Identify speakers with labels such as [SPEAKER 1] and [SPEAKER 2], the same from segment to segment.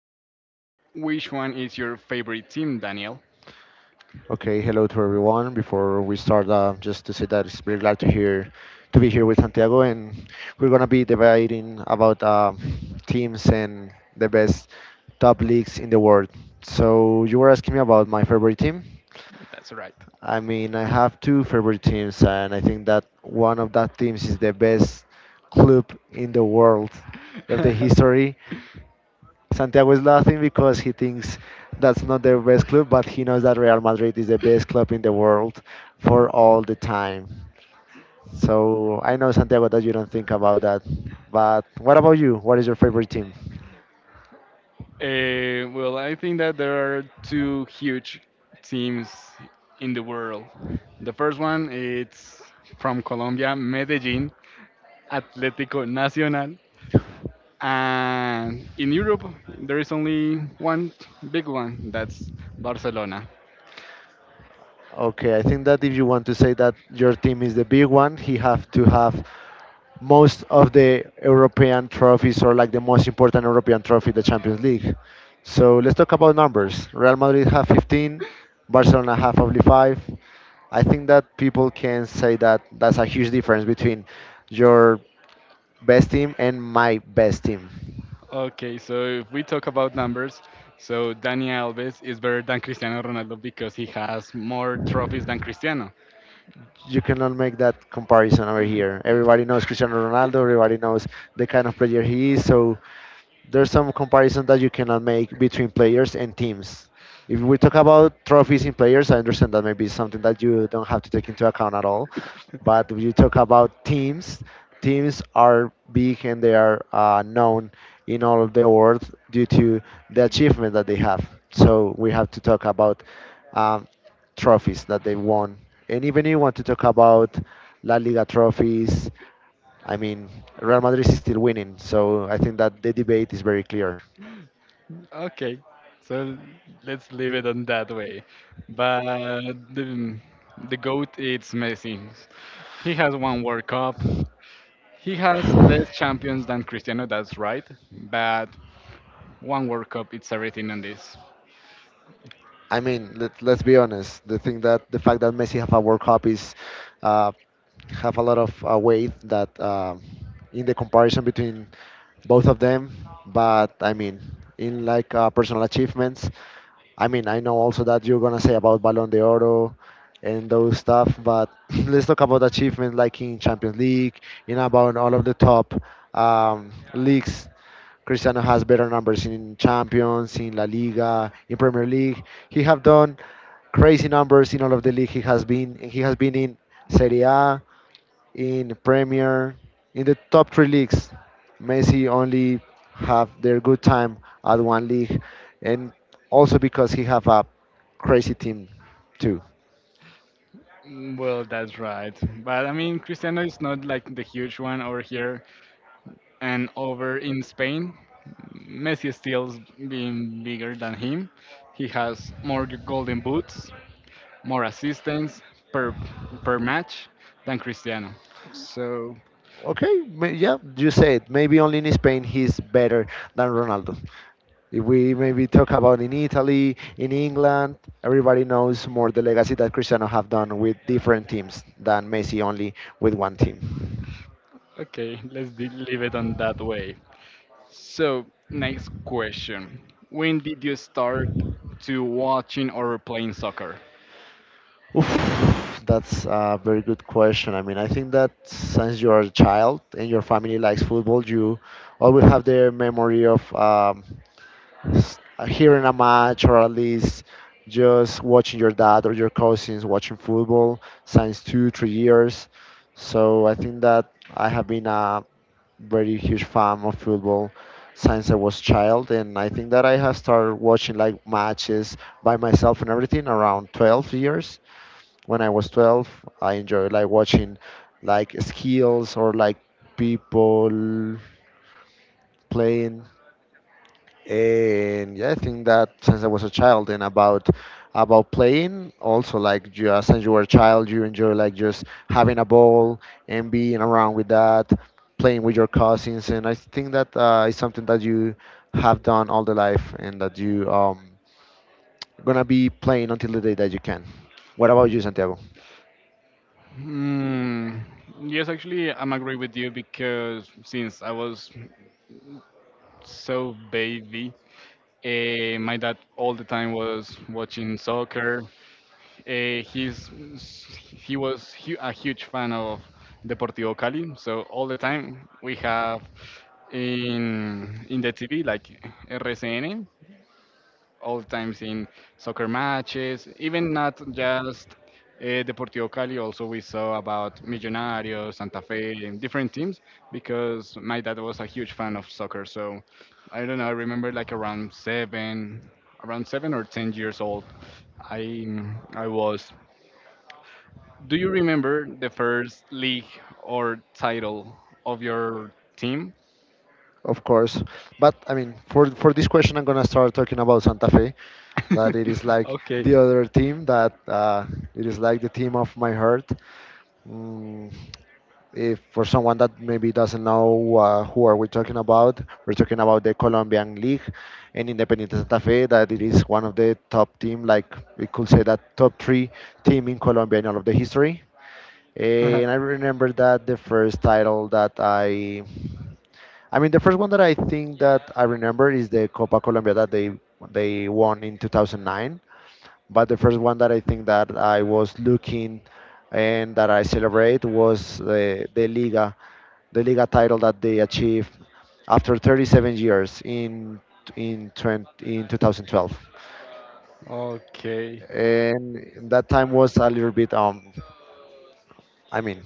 [SPEAKER 1] this. Which one is your favorite team, Daniel?
[SPEAKER 2] Okay, hello to everyone. Before we start, just to say that it's very glad to hear to be here with Santiago, and we're gonna be debating about teams and the best top leagues in the world. So you were asking me about my favorite team.
[SPEAKER 1] That's right.
[SPEAKER 2] I mean, I have two favorite teams, and I think that one of that teams is the best club in the world of the history. Santiago is laughing because he thinks that's not their best club, but he knows that Real Madrid is the best club in the world for all the time. So I know, Santiago, that you don't think about that. But what about you? What is your favorite team?
[SPEAKER 1] Well, I think that there are two huge teams in the world. The first one is from Colombia, Medellin, Atlético Nacional. And in Europe, there is only one big one, that's Barcelona.
[SPEAKER 2] Okay, I think that if you want to say that your team is the big one, he have to have most of the European trophies or like the most important European trophy, the Champions League. So let's talk about numbers. Real Madrid have 15, Barcelona have only five. I think that people can say that that's a huge difference between your best team and my best team.
[SPEAKER 1] Okay, so if we talk about numbers, so Dani Alves is better than Cristiano Ronaldo because he has more trophies than Cristiano.
[SPEAKER 2] You cannot make that comparison over here. Everybody knows Cristiano Ronaldo. Everybody knows the kind of player he is. So there's some comparison that you cannot make between players and teams. If we talk about trophies in players, I understand that maybe it's something that you don't have to take into account at all. But when you talk about teams, teams are big and they are known in all of the world due to the achievement that they have. So we have to talk about um, trophies that they won. And even if you want to talk about La Liga trophies, I mean, Real Madrid is still winning. So I think that the debate is very clear.
[SPEAKER 1] Okay, so let's leave it on that way. But the, the GOAT is Messi. He has one World Cup. He has less champions than Cristiano, that's right. But one World Cup, it's everything on this.
[SPEAKER 2] I mean, let's be honest. The thing that the fact that Messi have a World Cup is uh, have a lot of weight that in the comparison between both of them. But I mean, in like personal achievements, I mean, I know also that you're gonna say about Ballon de and those stuff, but let's talk about achievement like in Champions League, in about all of the top leagues. Cristiano has better numbers in Champions, in La Liga, in Premier League. He have done crazy numbers in all of the league he has been. He has been in Serie A, in Premier, in the top three leagues. Messi only have their good time at one league, and also because he have a crazy team too.
[SPEAKER 1] Mm. Well, that's right. But I mean, Cristiano is not like the huge one over here and over in Spain. Messi is still being bigger than him. He has more golden boots, more assists per per match than Cristiano. So,
[SPEAKER 2] Okay, yeah, you said maybe only in Spain he's better than Ronaldo. If we maybe talk about in Italy, in England, everybody knows more the legacy that Cristiano have done with different teams than Messi only with one team.
[SPEAKER 1] okay, let's leave it on that way. So, next question. When did you start to watching or playing soccer?
[SPEAKER 2] Oof, that's a very good question. I mean, I think that since you're a child and your family likes football, you always have the memory of s- hearing a match or at least just watching your dad or your cousins watching football since two, 3 years. So I think that I have been a very huge fan of football since I was child, and I think that I have started watching like matches by myself and everything around 12 years. When I was 12, I enjoyed like watching like skills or like people playing. And yeah, I think that since I was a child. And about playing, also, like just since you were a child, you enjoy like just having a ball and being around with that, playing with your cousins. And I think that is something that you have done all the life, and that you gonna be playing until the day that you can. What about you, Santiago?
[SPEAKER 1] Hmm. Yes, actually, I'm agree with you because since I was so baby, my dad all the time was watching soccer. Eh, he's he was hu a huge fan of Deportivo Cali, so all the time we have in the TV like RCN. All times in soccer matches, even not just Deportivo Cali. Also, we saw about Millonarios, Santa Fe, and different teams because my dad was a huge fan of soccer. So I don't know. I remember like around 7 or 10 years old. I I was. Do you remember the first league or title of your team?
[SPEAKER 2] Of course, but I mean, for this question, I'm gonna start talking about Santa Fe, that it is like
[SPEAKER 1] Okay.
[SPEAKER 2] the other team that it is like the team of my heart. Mm, if for someone that maybe doesn't know who are we talking about, we're talking about the Colombian League and Independiente Santa Fe, that it is one of the top team, like we could say that top three team in Colombia in all of the history. And I remember that the first title that I mean, the first one that I think that I remember is the Copa Colombia that they won in 2009. But the first one that I think that I was looking and that I celebrate was the Liga title that they achieved after 37 years in 2012.
[SPEAKER 1] Okay.
[SPEAKER 2] And that time was a little bit I mean,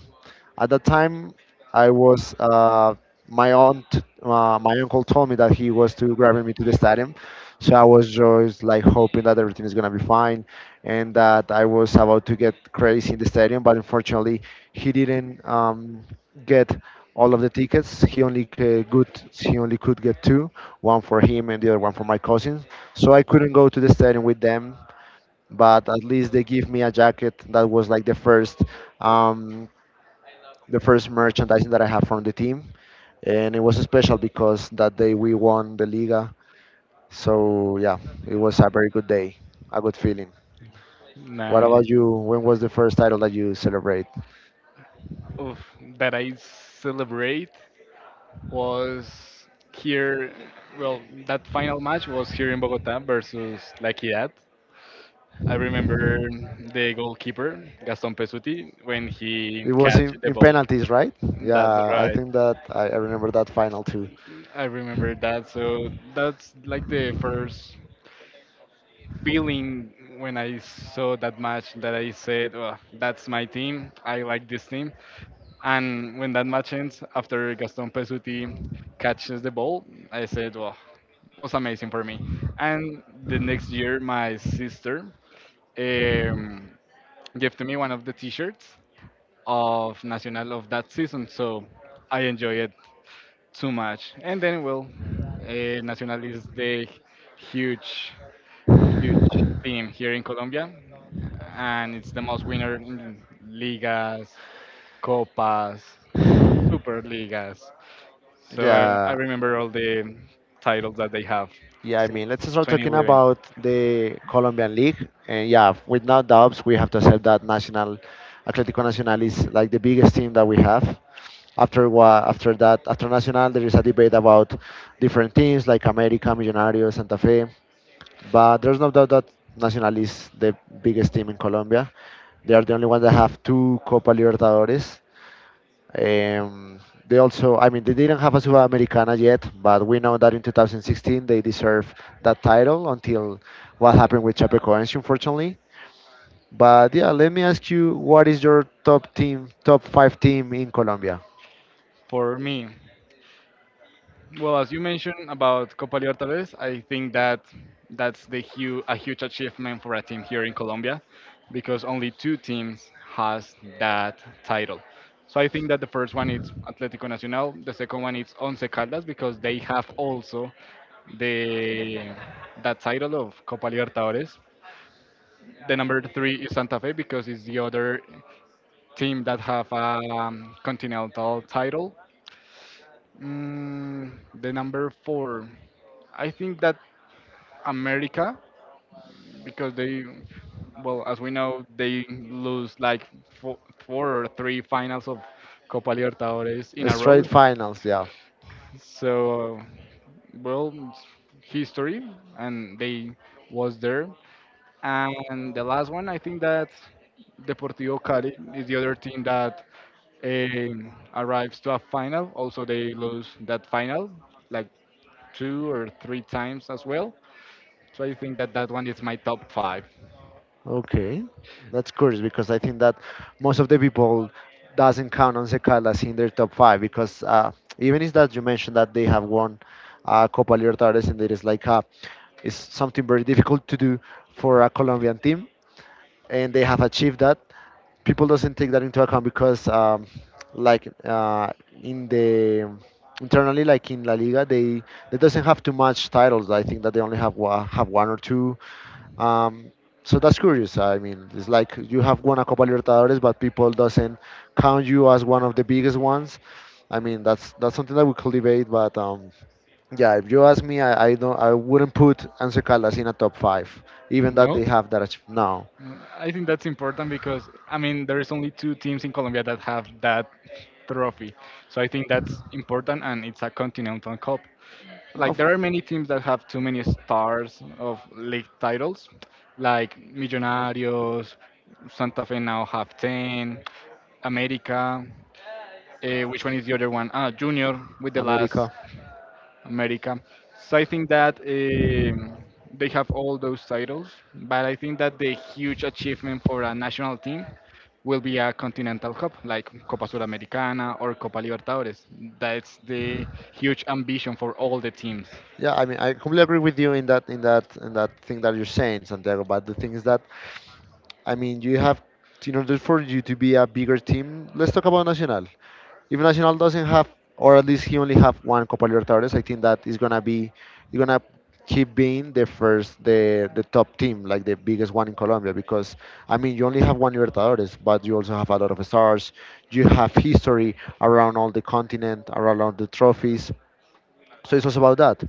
[SPEAKER 2] at that time, I was my aunt, my uncle told me that he was to grabbing me to the stadium, so I was just like hoping that everything is gonna be fine and that I was about to get crazy in the stadium. But unfortunately, he didn't get all of the tickets. He only good, he only could get two, one for him and the other one for my cousin. So I couldn't go to the stadium with them, but at least they give me a jacket that was like the first um, the first merchandising that I have from the team, and it was special because that day we won the Liga. So yeah, it was a very good day, a good feeling. What about you? When was the first title that you celebrate?
[SPEAKER 1] Of that I celebrate was here. Well, that final match was here in Bogota versus La Equidad. I remember the goalkeeper Gaston Pesuti when
[SPEAKER 2] It
[SPEAKER 1] he
[SPEAKER 2] was
[SPEAKER 1] catch
[SPEAKER 2] in,
[SPEAKER 1] the
[SPEAKER 2] in
[SPEAKER 1] ball.
[SPEAKER 2] penalties, right?
[SPEAKER 1] That's
[SPEAKER 2] Yeah, I
[SPEAKER 1] right.
[SPEAKER 2] think that I remember that final too.
[SPEAKER 1] I remember that. So that's like the first feeling when I saw that match that I said, oh, "That's my team. I like this team." And when that match ends, after Gaston Pesuti catches the ball, I said, "Wow, was amazing for me." And the next year, my sister um, gave to me one of the T-shirts of Nacional of that season, so I enjoy it too much. And then, well, Nacional is the huge, huge team here in Colombia, and it's the most winner in ligas, copas, superligas. So I
[SPEAKER 2] Yeah.
[SPEAKER 1] remember all the titles that they have
[SPEAKER 2] Yeah, I
[SPEAKER 1] since
[SPEAKER 2] mean, let's start talking
[SPEAKER 1] 2011.
[SPEAKER 2] about the Colombian League. And yeah, with no doubts, we have to accept that National Atlético Nacional is like the biggest team that we have. After what, after that, after Nacional, there is a debate about different teams like América, Millonarios, Santa Fe. But there's no doubt that Nacional is the biggest team in Colombia. They are the only one that have two Copa Libertadores. Um, they also, I mean, they didn't have a Sudamericana yet, but we know that in 2016 they deserve that title until what happened with Chapecoense, unfortunately. But yeah, let me ask you, what is your top team, top five team in Colombia?
[SPEAKER 1] For me, well, as you mentioned about Copa Libertadores, I think that that's a huge achievement for a team here in Colombia because only two teams has that title. So I think that the first one is Atlético Nacional, the second one is Once Caldas because they have also the that title of Copa Libertadores. The number three is Santa Fe because it's the other team that have a continental title. Mm, the number four, I think that America, because they, well, as we know, they lose like four, four or three finals of Copa Libertadores in a
[SPEAKER 2] Straight
[SPEAKER 1] row.
[SPEAKER 2] finals, yeah.
[SPEAKER 1] So, well, it's history, and they was there. And the last one, I think that Deportivo Cali is the other team that arrives to a final. Also, they lose that final like two or three times as well. So I think that that one is my top five.
[SPEAKER 2] Okay, that's curious because I think that most of the people doesn't count on Secalas in their top five because even is that you mentioned that they have won Copa Libertadores and it is like it's something very difficult to do for a Colombian team and they have achieved that. People doesn't take that into account because like in the internally like in La Liga they doesn't have too much titles. I think that they only have one or two um, so that's curious. I mean, it's like you have won a Copa Libertadores, but people doesn't count you as one of the biggest ones. I mean, that's something that we could debate. But yeah, if you ask me, I wouldn't put Anse Caldas in a top five, even that
[SPEAKER 1] No?
[SPEAKER 2] they have that now.
[SPEAKER 1] I think that's important because I mean there is only two teams in Colombia that have that trophy, so I think that's important and it's a continental cup. Like
[SPEAKER 2] Of-
[SPEAKER 1] there are many teams that have too many stars of league titles, like Millonarios, Santa Fe now have ten, America. Which one is the other one? Ah, Junior with the last
[SPEAKER 2] America.
[SPEAKER 1] America. So I think that they have all those titles, but I think that the huge achievement for a national team will be a Continental Cup, like Copa Sudamericana or Copa Libertadores. That's the huge ambition for all the teams.
[SPEAKER 2] Yeah, I mean, I completely agree with you in that thing that you're saying, Santiago. But the thing is that I mean, you have, in order for you to be a bigger team, let's talk about Nacional. If Nacional doesn't have, or at least he only have one Copa Libertadores, I think that is gonna be, you're gonna keep being the first, the top team, like the biggest one in Colombia. Because I mean, you only have one Libertadores, but you also have a lot of stars. You have history around all the continent, around all the trophies. So it was about that.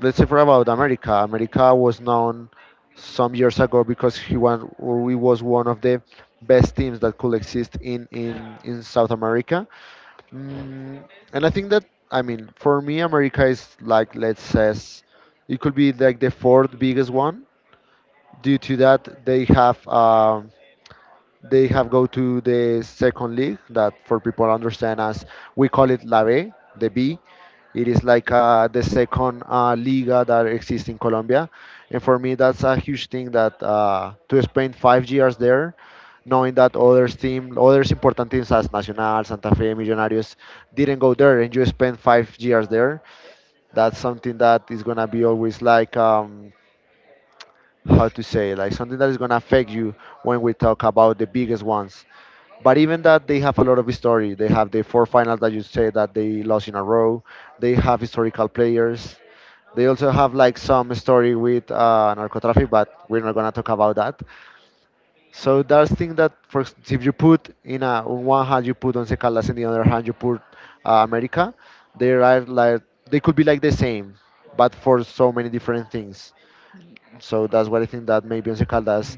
[SPEAKER 2] Let's say for about America. America was known some years ago because he won, or he was one of the best teams that could exist in South America. Mm, and I think that I mean for me America is like let's say it could be like the fourth biggest one. Due to that, they have. They have go to the second league that for people understand as we call it La B, the B. It is like the second liga that exists in Colombia, and for me that's a huge thing that to spend 5 years there, knowing that others team, others important teams as Nacional, Santa Fe, Millonarios didn't go there, and you spend 5 years there. That's something that is gonna be always like. How to say, like, something that is going to affect you when we talk about the biggest ones. But even that, they have a lot of history. They have the four finals that you say that they lost in a row. They have historical players. They also have like some story with narcotraffic, but we're not going to talk about that. So that's thing that if you put in a on one hand you put once caldas, in the other hand you put america. They are like, they could be like the same, but for so many different things. So that's what I think, that maybe Once Caldas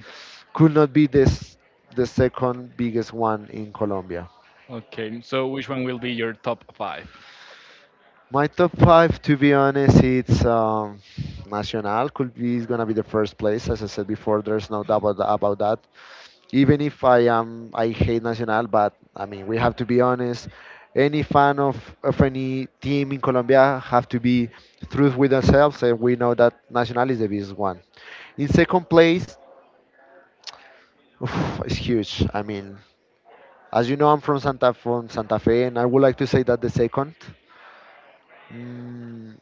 [SPEAKER 2] could not be this, the second biggest one in Colombia.
[SPEAKER 1] Okay, so which one will be your top five?
[SPEAKER 2] My top five, to be honest, it's Nacional. Could be, is gonna be the first place, as I said before. There's no doubt about that. Even if I am, I hate Nacional, but I mean, we have to be honest. Any fan of any team in Colombia have to be truth with themselves, and we know that Nacional is the biggest one. In second place. Oof, it's huge. I mean, as you know, I'm from Santa Fe, and I would like to say that the second. Mm,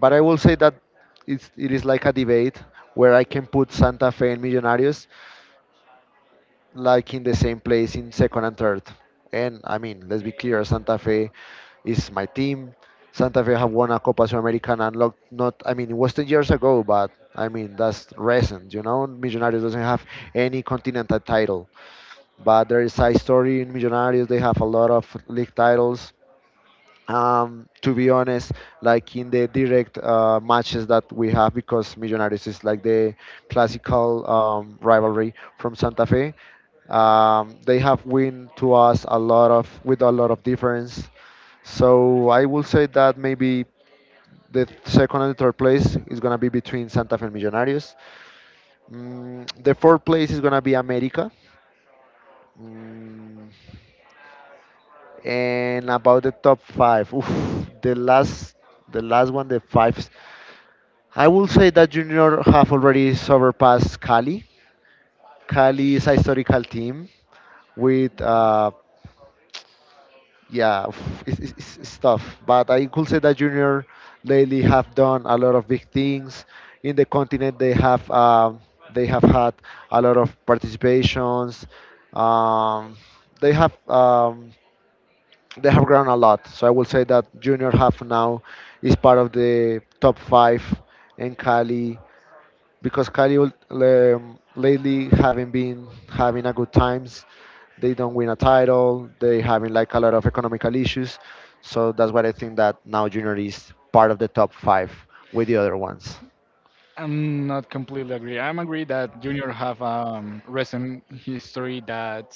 [SPEAKER 2] but I will say that it is like a debate where I can put Santa Fe and Millonarios like in the same place, in second and third. And I mean, let's be clear, Santa Fe is my team. Santa Fe have won a Copa Sudamericana, and look, not, I mean, it was 10 years ago, but I mean, that's recent. You know, Millonarios doesn't have any continental title, but there is a story in Millonarios. They have a lot of league titles. To be honest, like in the direct matches that we have, because Millonarios is like the classical rivalry from Santa Fe. They have win to us a lot of, with a lot of difference. So I will say that maybe the second and the third place is gonna be between Santa Fe and Millonarios. The fourth place is gonna be America. Mm, and about the top five, oof, the last, the last one, the fives. I will say that Junior have already surpassed Cali. Cali is a historical team with, uh, yeah, oof, it's tough. But I could say that Junior lately have done a lot of big things in the continent. They they have had a lot of participations. Um, they have. They have grown a lot. So I will say that Junior Half now is part of the top five. In Cali, because Cali lately haven't been having a good times. They don't win a title. They having like a lot of economical issues. So that's why I think that now Junior is part of the top five with the other ones.
[SPEAKER 1] I'm not completely agree. I'm agree that Junior have recent history that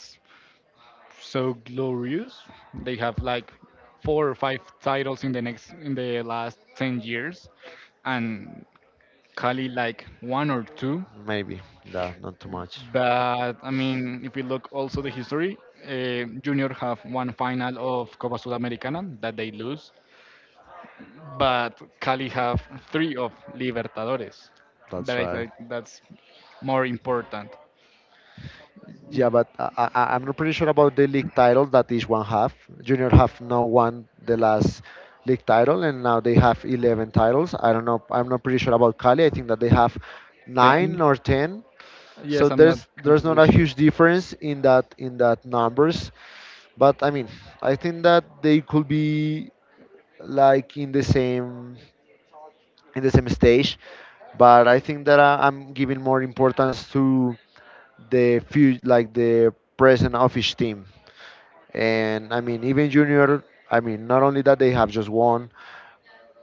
[SPEAKER 1] so glorious. They have like four or five titles in the last 10 years and Cali like one or two.
[SPEAKER 2] Maybe, yeah, not too much.
[SPEAKER 1] But I mean, if we look also the history, Junior have one final of Copa Sudamericana that they lose, but Cali have three of Libertadores. That
[SPEAKER 2] That's
[SPEAKER 1] I
[SPEAKER 2] right.
[SPEAKER 1] think that's more important.
[SPEAKER 2] Yeah, but I am not pretty sure about the league title. That is one half. Junior have now won the last league title, and now they have 11 titles. I don't know. I'm not pretty sure about Cali. I think that they have nine
[SPEAKER 1] Then,
[SPEAKER 2] or ten. So
[SPEAKER 1] yes, I'm not
[SPEAKER 2] there's not
[SPEAKER 1] completely
[SPEAKER 2] a
[SPEAKER 1] sure.
[SPEAKER 2] huge difference in that numbers. But I mean, I think that they could be like in the same stage. But I think that I, I'm giving more importance to the few, like the present of office team. And I mean, even junior, I mean, not only that they have just won.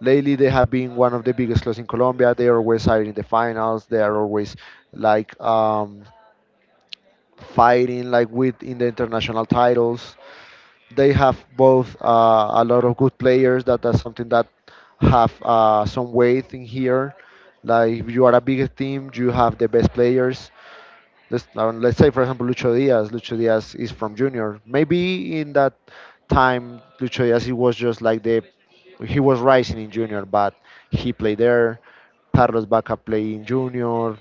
[SPEAKER 2] Lately, they have been one of the biggest clubs in Colombia. They are always hiring in the finals. They are always like um, fighting like with in the international titles. They have both a lot of good players. That's something that have some weight in here. Like if you are a bigger team, you have the best players. Let's, now, let's say, for example, Lucho Diaz. Lucho Diaz is from junior. Maybe in that time, Lucho Diaz, he was just like the he was rising in junior, but he played there. Carlos Baca played in junior.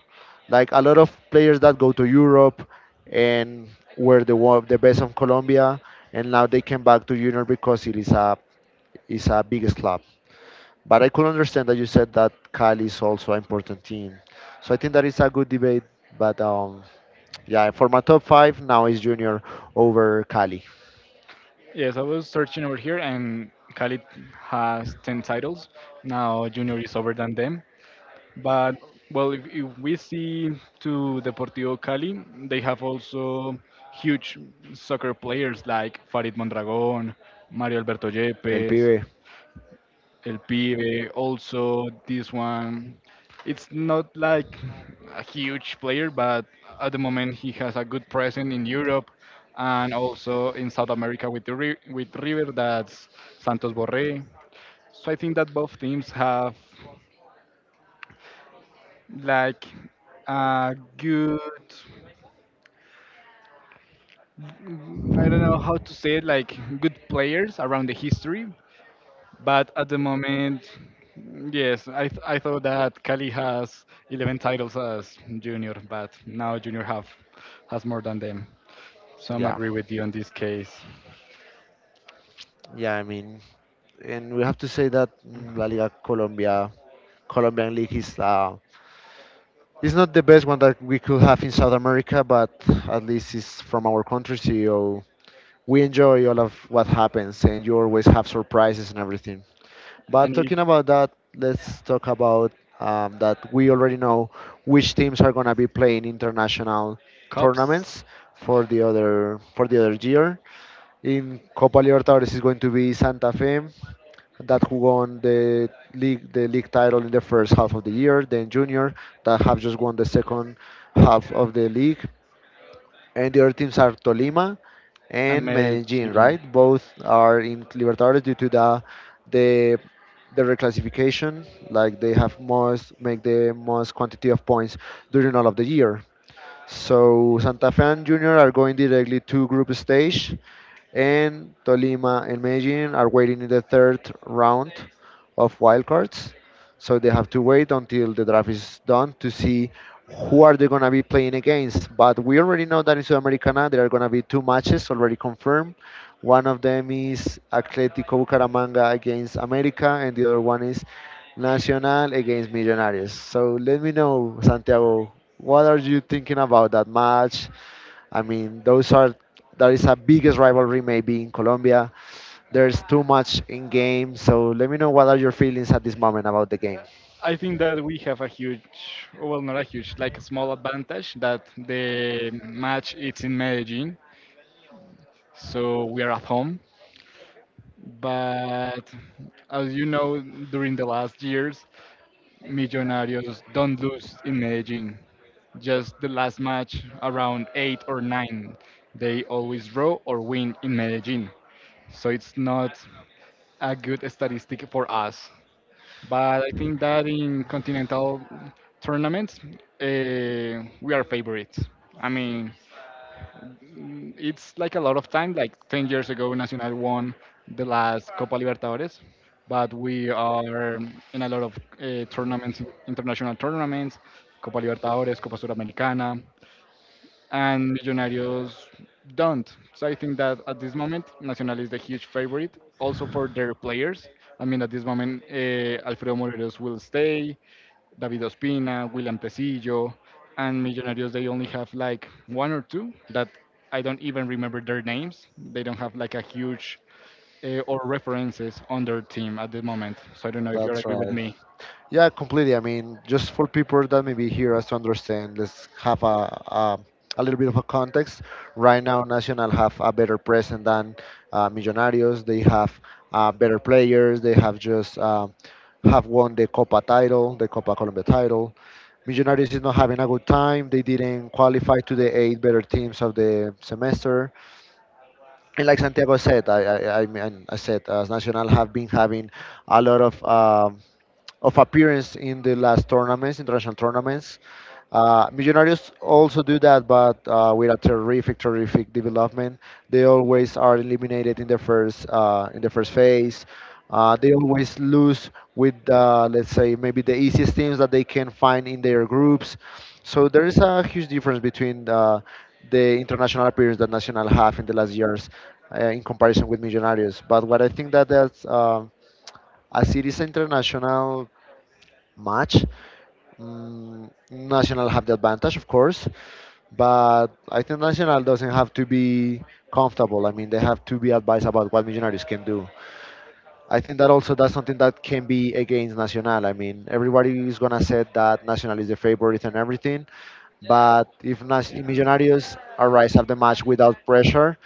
[SPEAKER 2] Like a lot of players that go to Europe and were the one, the best of Colombia, and now they came back to junior because it is a biggest club. But I could understand that you said that Cali is also an important team. So I think that is a good debate. But yeah, for my top five now is Junior over Cali.
[SPEAKER 1] Yes, I was searching over here, and Khalid has 10 titles. Now Junior is over than them. But, well, if we see to Deportivo Cali, they have also huge soccer players like Farid Mondragon, Mario Alberto
[SPEAKER 2] El
[SPEAKER 1] Yepes,
[SPEAKER 2] Pibe.
[SPEAKER 1] El Pibe. Also, this one, it's not like a huge player, but at the moment he has a good presence in Europe and also in South America with with River. That's Santos Borré. So I think that both teams have like a good, I don't know how to say it, like good players around the history. But at the moment, yes, I thought that Cali has 11 titles as junior, but now junior have has more than them. So I'm
[SPEAKER 2] Yeah.
[SPEAKER 1] agree with you on this case.
[SPEAKER 2] Yeah, I mean, and we have to say that La Liga Colombia, Colombian League is it's not the best one that we could have in South America, but at least it's from our country, so we enjoy all of what happens, and you always have surprises and everything.
[SPEAKER 1] I
[SPEAKER 2] But
[SPEAKER 1] need
[SPEAKER 2] talking about that, let's talk about that we already know which teams are going to be playing international
[SPEAKER 1] cups
[SPEAKER 2] tournaments for the other year. In Copa Libertadores is going to be Santa Fe, that who won the league title in the first half of the year. Then Junior, that have just won the second half of the league. And the other teams are Tolima
[SPEAKER 1] and
[SPEAKER 2] and Medellin,
[SPEAKER 1] Medellin.
[SPEAKER 2] right? Both are in Libertadores due to the the the reclassification, like they have most make the most quantity of points during all of the year. So Santa Fe and Junior are going directly to group stage, and Tolima and Medellin are waiting in the third round of wildcards. So they have to wait until the draft is done to see who are they going to be playing against. But we already know that in Sudamericana there are going to be two matches already confirmed. One of them is Atletico Bucaramanga against America, and the other one is Nacional against Millonarios. So let me know, Santiago, what are you thinking about that match? I mean, those are that is a biggest rivalry maybe in Colombia. There's too much in game, so let me know what are your feelings at this moment about the game.
[SPEAKER 1] I think that we have a huge, well, not a huge, like a small advantage that the match is in Medellin, so we are at home. But as you know, during the last years, Millonarios don't lose in Medellin. Just the last match around 8 or 9, they always draw or win in Medellin. So it's not a good statistic for us. But I think that in continental tournaments, we are favorites. I mean, it's like a lot of time. Like 10 years ago, Nacional won the last Copa Libertadores, but we are in a lot of tournaments, international tournaments, Copa Libertadores, Copa Suramericana, and Millonarios don't. So I think that at this moment, Nacional is the huge favorite, also for their players. I mean, at this moment, Alfredo Morelos will stay. David Ospina, William Tecillo, and Millonarios, they only have like one or two that I don't even remember their names. They don't have like a huge or references on their team at the moment. So I don't know if you
[SPEAKER 2] That's
[SPEAKER 1] agree with
[SPEAKER 2] right.
[SPEAKER 1] me.
[SPEAKER 2] Yeah, completely. I mean, just for people that maybe hear us to understand, let's have a little bit of a context. Right now, Nacional have a better present than Millonarios. They have better players. They have just have won the Copa title, the Copa Colombia title. Millonarios is not having a good time. They didn't qualify to the eight better teams of the semester. And like Santiago said, I said, as Nacional have been having a lot of appearance in the last tournaments, international tournaments. Millonarios also do that, but with a terrific development. They always are eliminated in the first phase. They always lose with, let's say, maybe the easiest teams that they can find in their groups. So there is a huge difference between the international appearance that Nacional have in the last years in comparison with Millonarios. But what I think that as it is an international match, Nacional have the advantage, of course, but I think Nacional doesn't have to be comfortable. I mean, they have to be advised about what Millonarios can do. I think that also that's something that can be against Nacional. I mean, everybody is gonna say that Nacional is the favorite and everything, but if Millonarios arise at the match without pressure,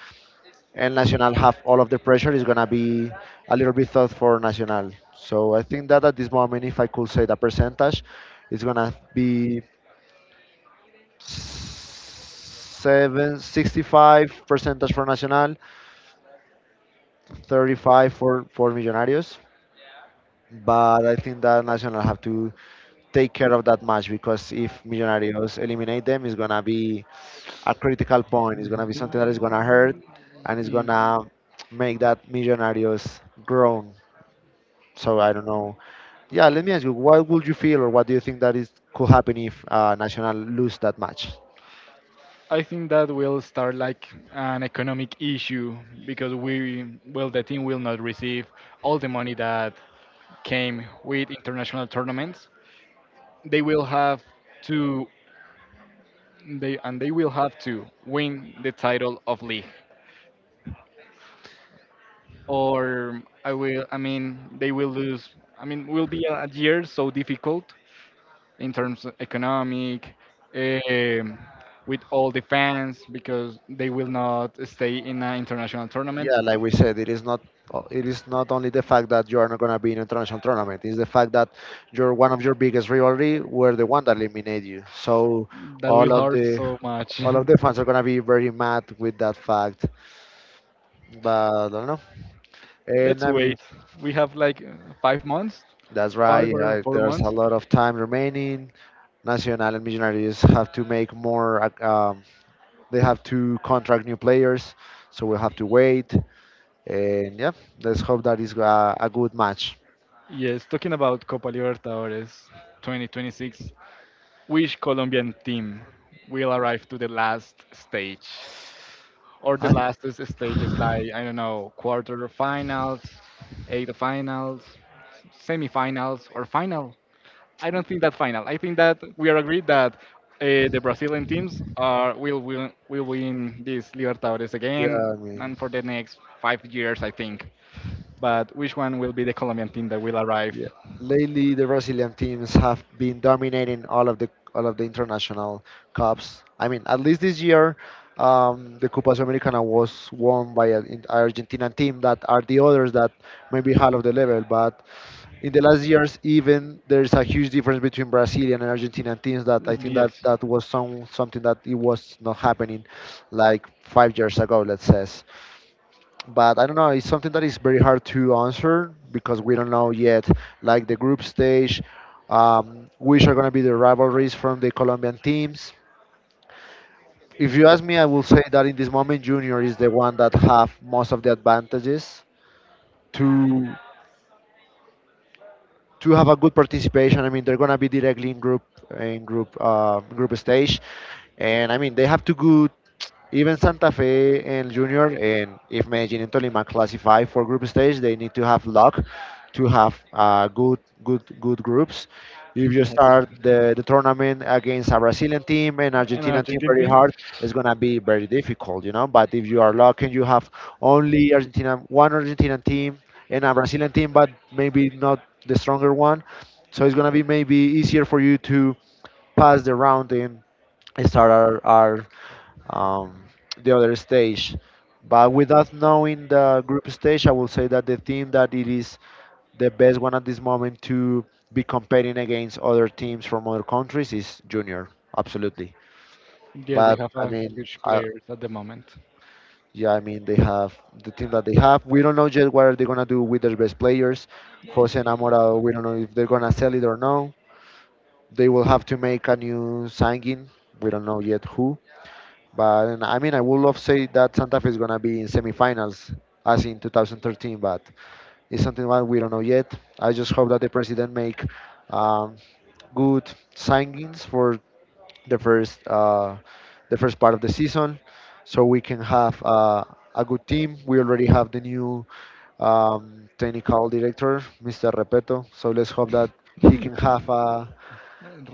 [SPEAKER 2] and Nacional have all of the pressure, it's gonna be a little bit tough for Nacional. So I think that at this moment, if I could say the percentage, it's gonna be 765 percentage for Nacional, 35 for Millonarios. But I think that Nacional have to take care of that match, because if Millonarios eliminate them, it's gonna be a critical point. It's gonna be something that is gonna hurt, and it's
[SPEAKER 1] Mm,
[SPEAKER 2] gonna make that Millonarios grown. So I don't know. Yeah, let me ask you, what would you feel, or what do you think that is could happen if Nacional lose that match?
[SPEAKER 1] I think that will start like an economic issue because we, well, the team will not receive all the money that came with international tournaments. They will have to, they will have to win the title of league. Or I will. I mean, they will lose. I mean, will be a year so difficult in terms of economic, um, with all the fans because they will not stay in an international tournament.
[SPEAKER 2] Yeah, like we said, it is not only the fact that you are not going to be in an international tournament. It's the fact that you're one of your biggest rivalry were the one that eliminated you. So
[SPEAKER 1] That will
[SPEAKER 2] all of
[SPEAKER 1] hurt
[SPEAKER 2] the
[SPEAKER 1] so much.
[SPEAKER 2] all of the fans are going to be very mad with that fact. But I don't know. And
[SPEAKER 1] Let's
[SPEAKER 2] I mean,
[SPEAKER 1] wait. We have like
[SPEAKER 2] that's
[SPEAKER 1] five
[SPEAKER 2] right.
[SPEAKER 1] or four
[SPEAKER 2] There's a
[SPEAKER 1] months.
[SPEAKER 2] lot of time remaining. Nacional and Millonarios have to make they have to contract new players, so we'll have to wait. And yeah, let's hope that is a good match.
[SPEAKER 1] Yes, talking about Copa Libertadores 2026, which Colombian team will arrive to the last stage? Or the
[SPEAKER 2] I.
[SPEAKER 1] last stages like I don't know quarter finals, eight finals, semifinals or final. I don't think that final. I think that we are agreed that the Brazilian teams are will win this Libertadores again
[SPEAKER 2] Yeah, I mean,
[SPEAKER 1] and for the next 5 years I think. But which one will be the Colombian team that will arrive?
[SPEAKER 2] yeah. Lately, the Brazilian teams have been dominating all of the international cups. I mean, at least this year, the Copa Sudamericana was won by Argentinian team that are the others that maybe half of the level. But in the last years, even there's a huge difference between Brazilian and Argentinian teams that I think that
[SPEAKER 1] Yes,
[SPEAKER 2] that was something that it was not happening like 5 years ago, let's say. But I don't know. It's something that is very hard to answer because we don't know yet. Like the group stage, which are going to be the rivalries from the Colombian teams. If you ask me, I will say that in this moment, Junior is the one that have most of the advantages to to have a good participation. I mean, they're gonna be directly in group in group stage, and I mean they have to go even Santa Fe and Junior and if Medellin and Tolima classify for group stage, they need to have luck to have good good groups. If you
[SPEAKER 1] yes,
[SPEAKER 2] start the tournament against a Brazilian team and
[SPEAKER 1] an
[SPEAKER 2] Argentinian team
[SPEAKER 1] Argentine
[SPEAKER 2] very
[SPEAKER 1] team.
[SPEAKER 2] hard, it's gonna be very difficult, you know. But if you are lucky and you have only Argentina one Argentinian team and a Brazilian team, but maybe not the stronger one. So it's gonna be maybe easier for you to pass the round and start our um, the other stage. But without knowing the group stage, I will say that the team that it is the best one at this moment to be competing against other teams from other countries is Junior, absolutely.
[SPEAKER 1] Yes, they
[SPEAKER 2] But
[SPEAKER 1] have
[SPEAKER 2] I
[SPEAKER 1] a
[SPEAKER 2] mean,
[SPEAKER 1] huge
[SPEAKER 2] I,
[SPEAKER 1] players at the moment.
[SPEAKER 2] yeah, I mean they have the team that they have. We don't know yet what are they gonna do with their best players. Jose and Amora, we don't know if they're gonna sell it or no. They will have to make a new signing. We don't know yet who, but and I mean, I would love to say that Santa Fe is gonna be in semifinals as in 2013, but it's something that we don't know yet. I just hope that the president make um, good signings for the first uh, the first part of the season, so we can have a good team. We already have the new technical director, Mr. Repeto. So let's hope that he can have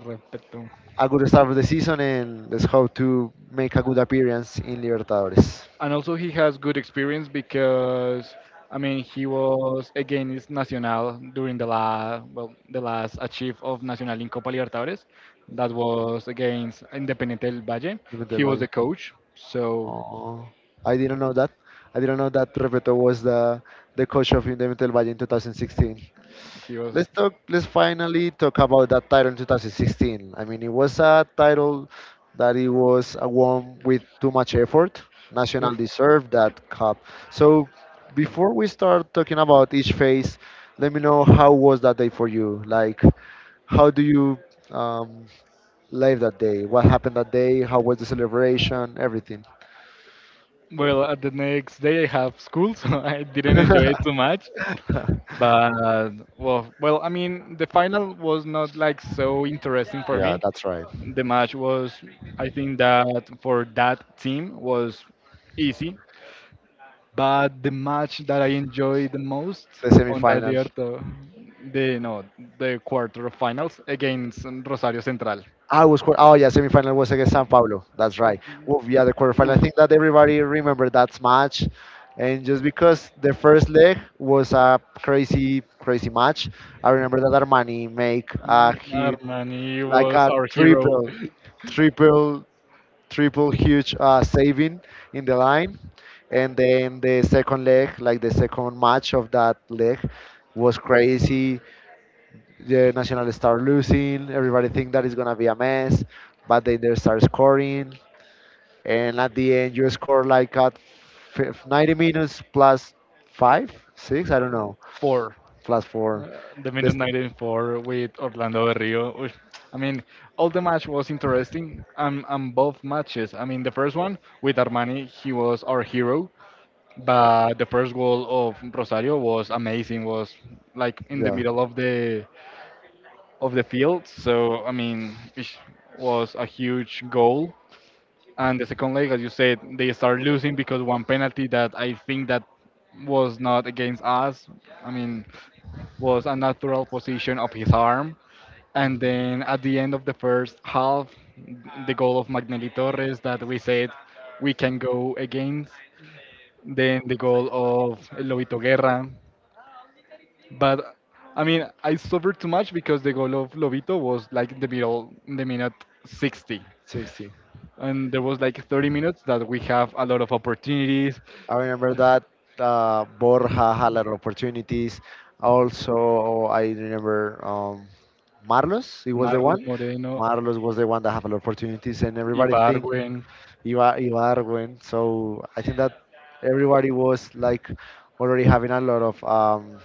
[SPEAKER 1] Repeto.
[SPEAKER 2] a good start of the season and let's hope to make a good appearance in Libertadores.
[SPEAKER 1] And also he has good experience because I mean he was against Nacional during the last achieve of Nacional in Copa Libertadores that was against Independiente del Valle.
[SPEAKER 2] Look at Del
[SPEAKER 1] He was the
[SPEAKER 2] Valle.
[SPEAKER 1] coach, so
[SPEAKER 2] Oh, I didn't know that. I didn't know that Repeto was the coach of Independiente Del Valle in 2016.
[SPEAKER 1] he was.
[SPEAKER 2] Let's talk. Let's finally talk about that title in 2016. I mean, it was a title that it was won with too much effort. National deserved that cup. So, before we start talking about each phase, let me know how was that day for you. Like, how do you um, live that day? What happened that day? How was the celebration? Everything.
[SPEAKER 1] Well, at the next day I have school so I didn't enjoy it too much. But well I mean the final was not like so interesting for
[SPEAKER 2] Yeah,
[SPEAKER 1] me.
[SPEAKER 2] that's right.
[SPEAKER 1] The match was I think that for that team was easy. But the match that I enjoyed the most
[SPEAKER 2] The
[SPEAKER 1] on that
[SPEAKER 2] semifinal.
[SPEAKER 1] year, though, the no, the quarterfinals against Rosario Central.
[SPEAKER 2] Oh yeah, semifinal was against San Pablo. That's right. Well, yeah, the quarterfinal. I
[SPEAKER 1] Oof,
[SPEAKER 2] think that everybody remember that match, and just because the first leg was a crazy match, I remember that Armani make a he
[SPEAKER 1] Armani
[SPEAKER 2] like
[SPEAKER 1] was
[SPEAKER 2] a
[SPEAKER 1] our hero
[SPEAKER 2] triple, triple triple huge saving in the line. And then the second leg, like the second match of that leg, was crazy. The National start losing. Everybody think that it's gonna be a mess, but they start scoring. And at the end, you score like at 90 minutes plus five, six, I don't know,
[SPEAKER 1] for
[SPEAKER 2] plus four.
[SPEAKER 1] the minute
[SPEAKER 2] This,
[SPEAKER 1] 94 with Orlando Berrio. Oof. I mean, all the match was interesting. And both matches. I mean, the first one with Armani, he was our hero. But the first goal of Rosario was amazing. Was like in the
[SPEAKER 2] yeah,
[SPEAKER 1] middle of the field. So I mean, it was a huge goal. And the second leg, as you said, they start losing because one penalty that I think that was not against us. I mean, was a natural position of his arm. And then at the end of the first half, the goal of Magnelli Torres that we said we can go against. Then the goal of Lobito Guerra but I mean, I suffered too much because the goal of Lobito was like the middle, the minute 60,
[SPEAKER 2] 60.
[SPEAKER 1] and there was like 30 minutes that we have a lot of opportunities.
[SPEAKER 2] I remember that Borja had a lot of opportunities. Also, I remember Marlos. He was the
[SPEAKER 1] Marlos
[SPEAKER 2] one.
[SPEAKER 1] Moreno,
[SPEAKER 2] Marlos was the one that had a lot of opportunities, and everybody think
[SPEAKER 1] Ibargüen,
[SPEAKER 2] Ibarwen. So I think that everybody was like already having a lot of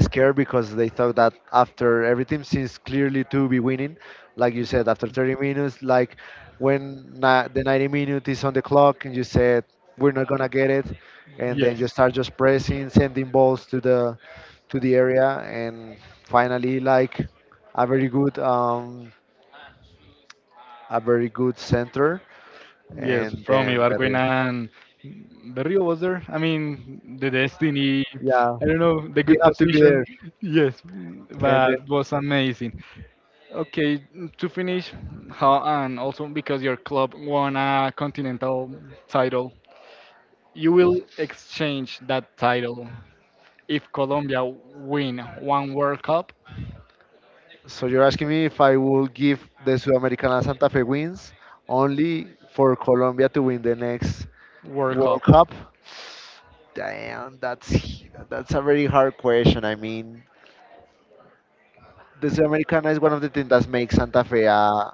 [SPEAKER 2] scared because they thought that after everything seems clearly to be winning, like you said, after 30 minutes, like the 90 minute is on the clock and you said we're not gonna get it, and then you
[SPEAKER 1] yes,
[SPEAKER 2] start just pressing, sending balls to the area, and finally like a very good um a very good center,
[SPEAKER 1] yes,
[SPEAKER 2] and
[SPEAKER 1] from
[SPEAKER 2] then
[SPEAKER 1] Ibargüen
[SPEAKER 2] Berrio.
[SPEAKER 1] and Berrio was there. I mean, the destiny,
[SPEAKER 2] Yeah,
[SPEAKER 1] I don't know, the
[SPEAKER 2] he
[SPEAKER 1] good
[SPEAKER 2] have to be
[SPEAKER 1] position,
[SPEAKER 2] there,
[SPEAKER 1] yes,
[SPEAKER 2] and then
[SPEAKER 1] but was amazing. Okay, to finish, how and also because your club won a continental title, you will exchange that title if Colombia win one World Cup,
[SPEAKER 2] So you're asking me if I will give the Sudamericana Santa Fe wins only for Colombia to win the next
[SPEAKER 1] World Cup
[SPEAKER 2] World Cup? Damn, that's a very hard question. I mean, the Sudamericana is one of the things that makes Santa Fe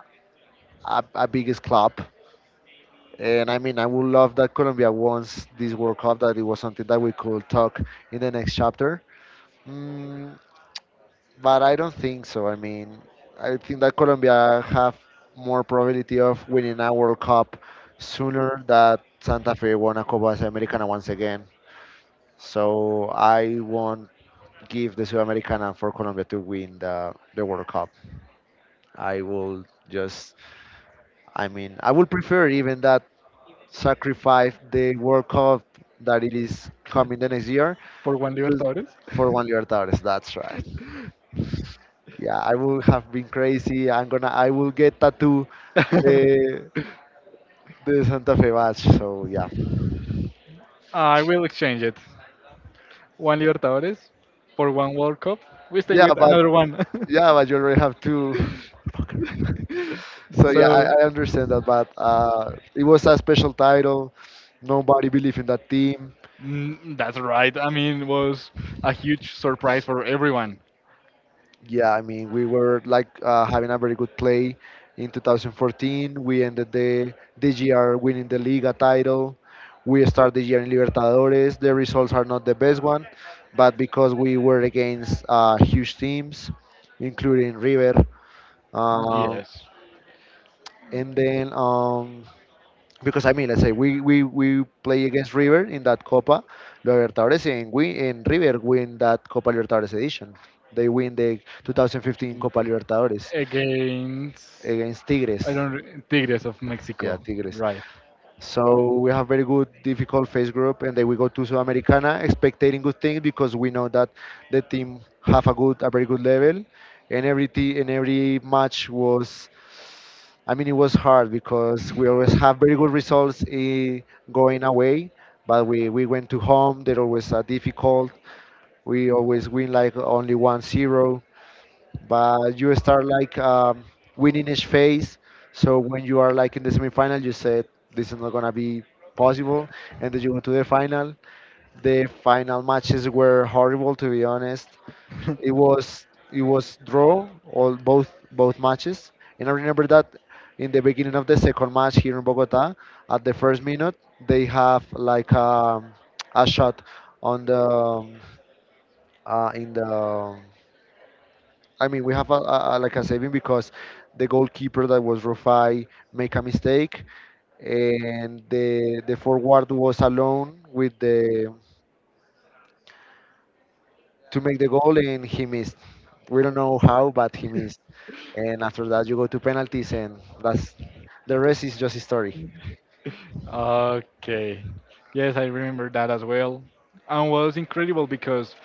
[SPEAKER 2] a biggest club. And I mean, I would love that Colombia wants this World Cup, that it was something that we could talk in the next chapter. Mm, but I don't think so. I mean, I think that Colombia have more probability of winning a World Cup sooner that Santa Fe won a Copa Sudamericana once again. So I won't give the Sudamericana for Colombia to win the World Cup. I will just, I mean, I would prefer even that sacrifice the World Cup that it is coming the next year
[SPEAKER 1] for one
[SPEAKER 2] to,
[SPEAKER 1] Libertadores.
[SPEAKER 2] for one Libertadores. That's right. Yeah, I would have been crazy. I will get tattoo the the Santa Fe badge. So yeah,
[SPEAKER 1] I will exchange it. One Libertadores for one World Cup. We stay
[SPEAKER 2] yeah,
[SPEAKER 1] with
[SPEAKER 2] but
[SPEAKER 1] another one.
[SPEAKER 2] yeah, but you already have two. So
[SPEAKER 1] so
[SPEAKER 2] yeah, I understand that, but it was a special title. Nobody believed in that team.
[SPEAKER 1] mm, that's right. I mean, it was a huge surprise for everyone.
[SPEAKER 2] Yeah, I mean, we were like having a very good play in 2014. We ended the year winning the Liga title. We start the year in Libertadores. The results are not the best one, but because we were against huge teams, including River, um,
[SPEAKER 1] Yes.
[SPEAKER 2] and then because I mean, let's say we play against River in that Copa Libertadores, and we and River win that Copa Libertadores edition. They win the 2015 Copa Libertadores.
[SPEAKER 1] Against
[SPEAKER 2] Against Tigres.
[SPEAKER 1] I don't re- Tigres of
[SPEAKER 2] Yeah,
[SPEAKER 1] Mexico,
[SPEAKER 2] Tigres.
[SPEAKER 1] right?
[SPEAKER 2] So we have very good, difficult phase group, and then we go to Sudamericana, expecting good things because we know that the team have a very good level, and every match was. I mean, it was hard because we always have very good results going away, but we went to home. They're always difficult. We always win like only 1-0. But you start like winning each phase. So when you are like in the semifinal, you said this is not gonna be possible, and then you went to the final. The final matches were horrible, to be honest. It was draw all both matches, and I remember that in the beginning of the second match here in Bogota, at the first minute, they have like a shot on the in the we have like a saving because the goalkeeper that was Rufai make a mistake, and the forward was alone with the to make the goal, and he missed. We don't know how, but he missed. And after that, you go to penalties, and that's the rest is just history.
[SPEAKER 1] Okay. Yes, I remember that as well. And was incredible because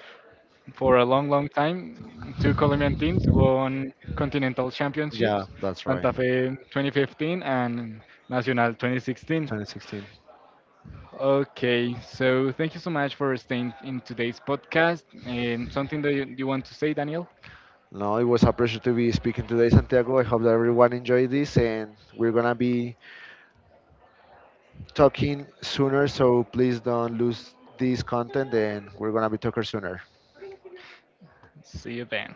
[SPEAKER 1] for a long, long time, two Colombian teams won continental
[SPEAKER 2] Yeah,
[SPEAKER 1] championships,
[SPEAKER 2] that's right.
[SPEAKER 1] Santa Fe 2015 and Nacional 2016.
[SPEAKER 2] 2016.
[SPEAKER 1] Okay, so thank you so much for staying in today's podcast. And something that you want to say, Daniel?
[SPEAKER 2] No, it was a pleasure to be speaking today, Santiago. I hope that everyone enjoyed this, and we're gonna be talking sooner, so please don't lose this content, and we're gonna be talking sooner.
[SPEAKER 1] See you then.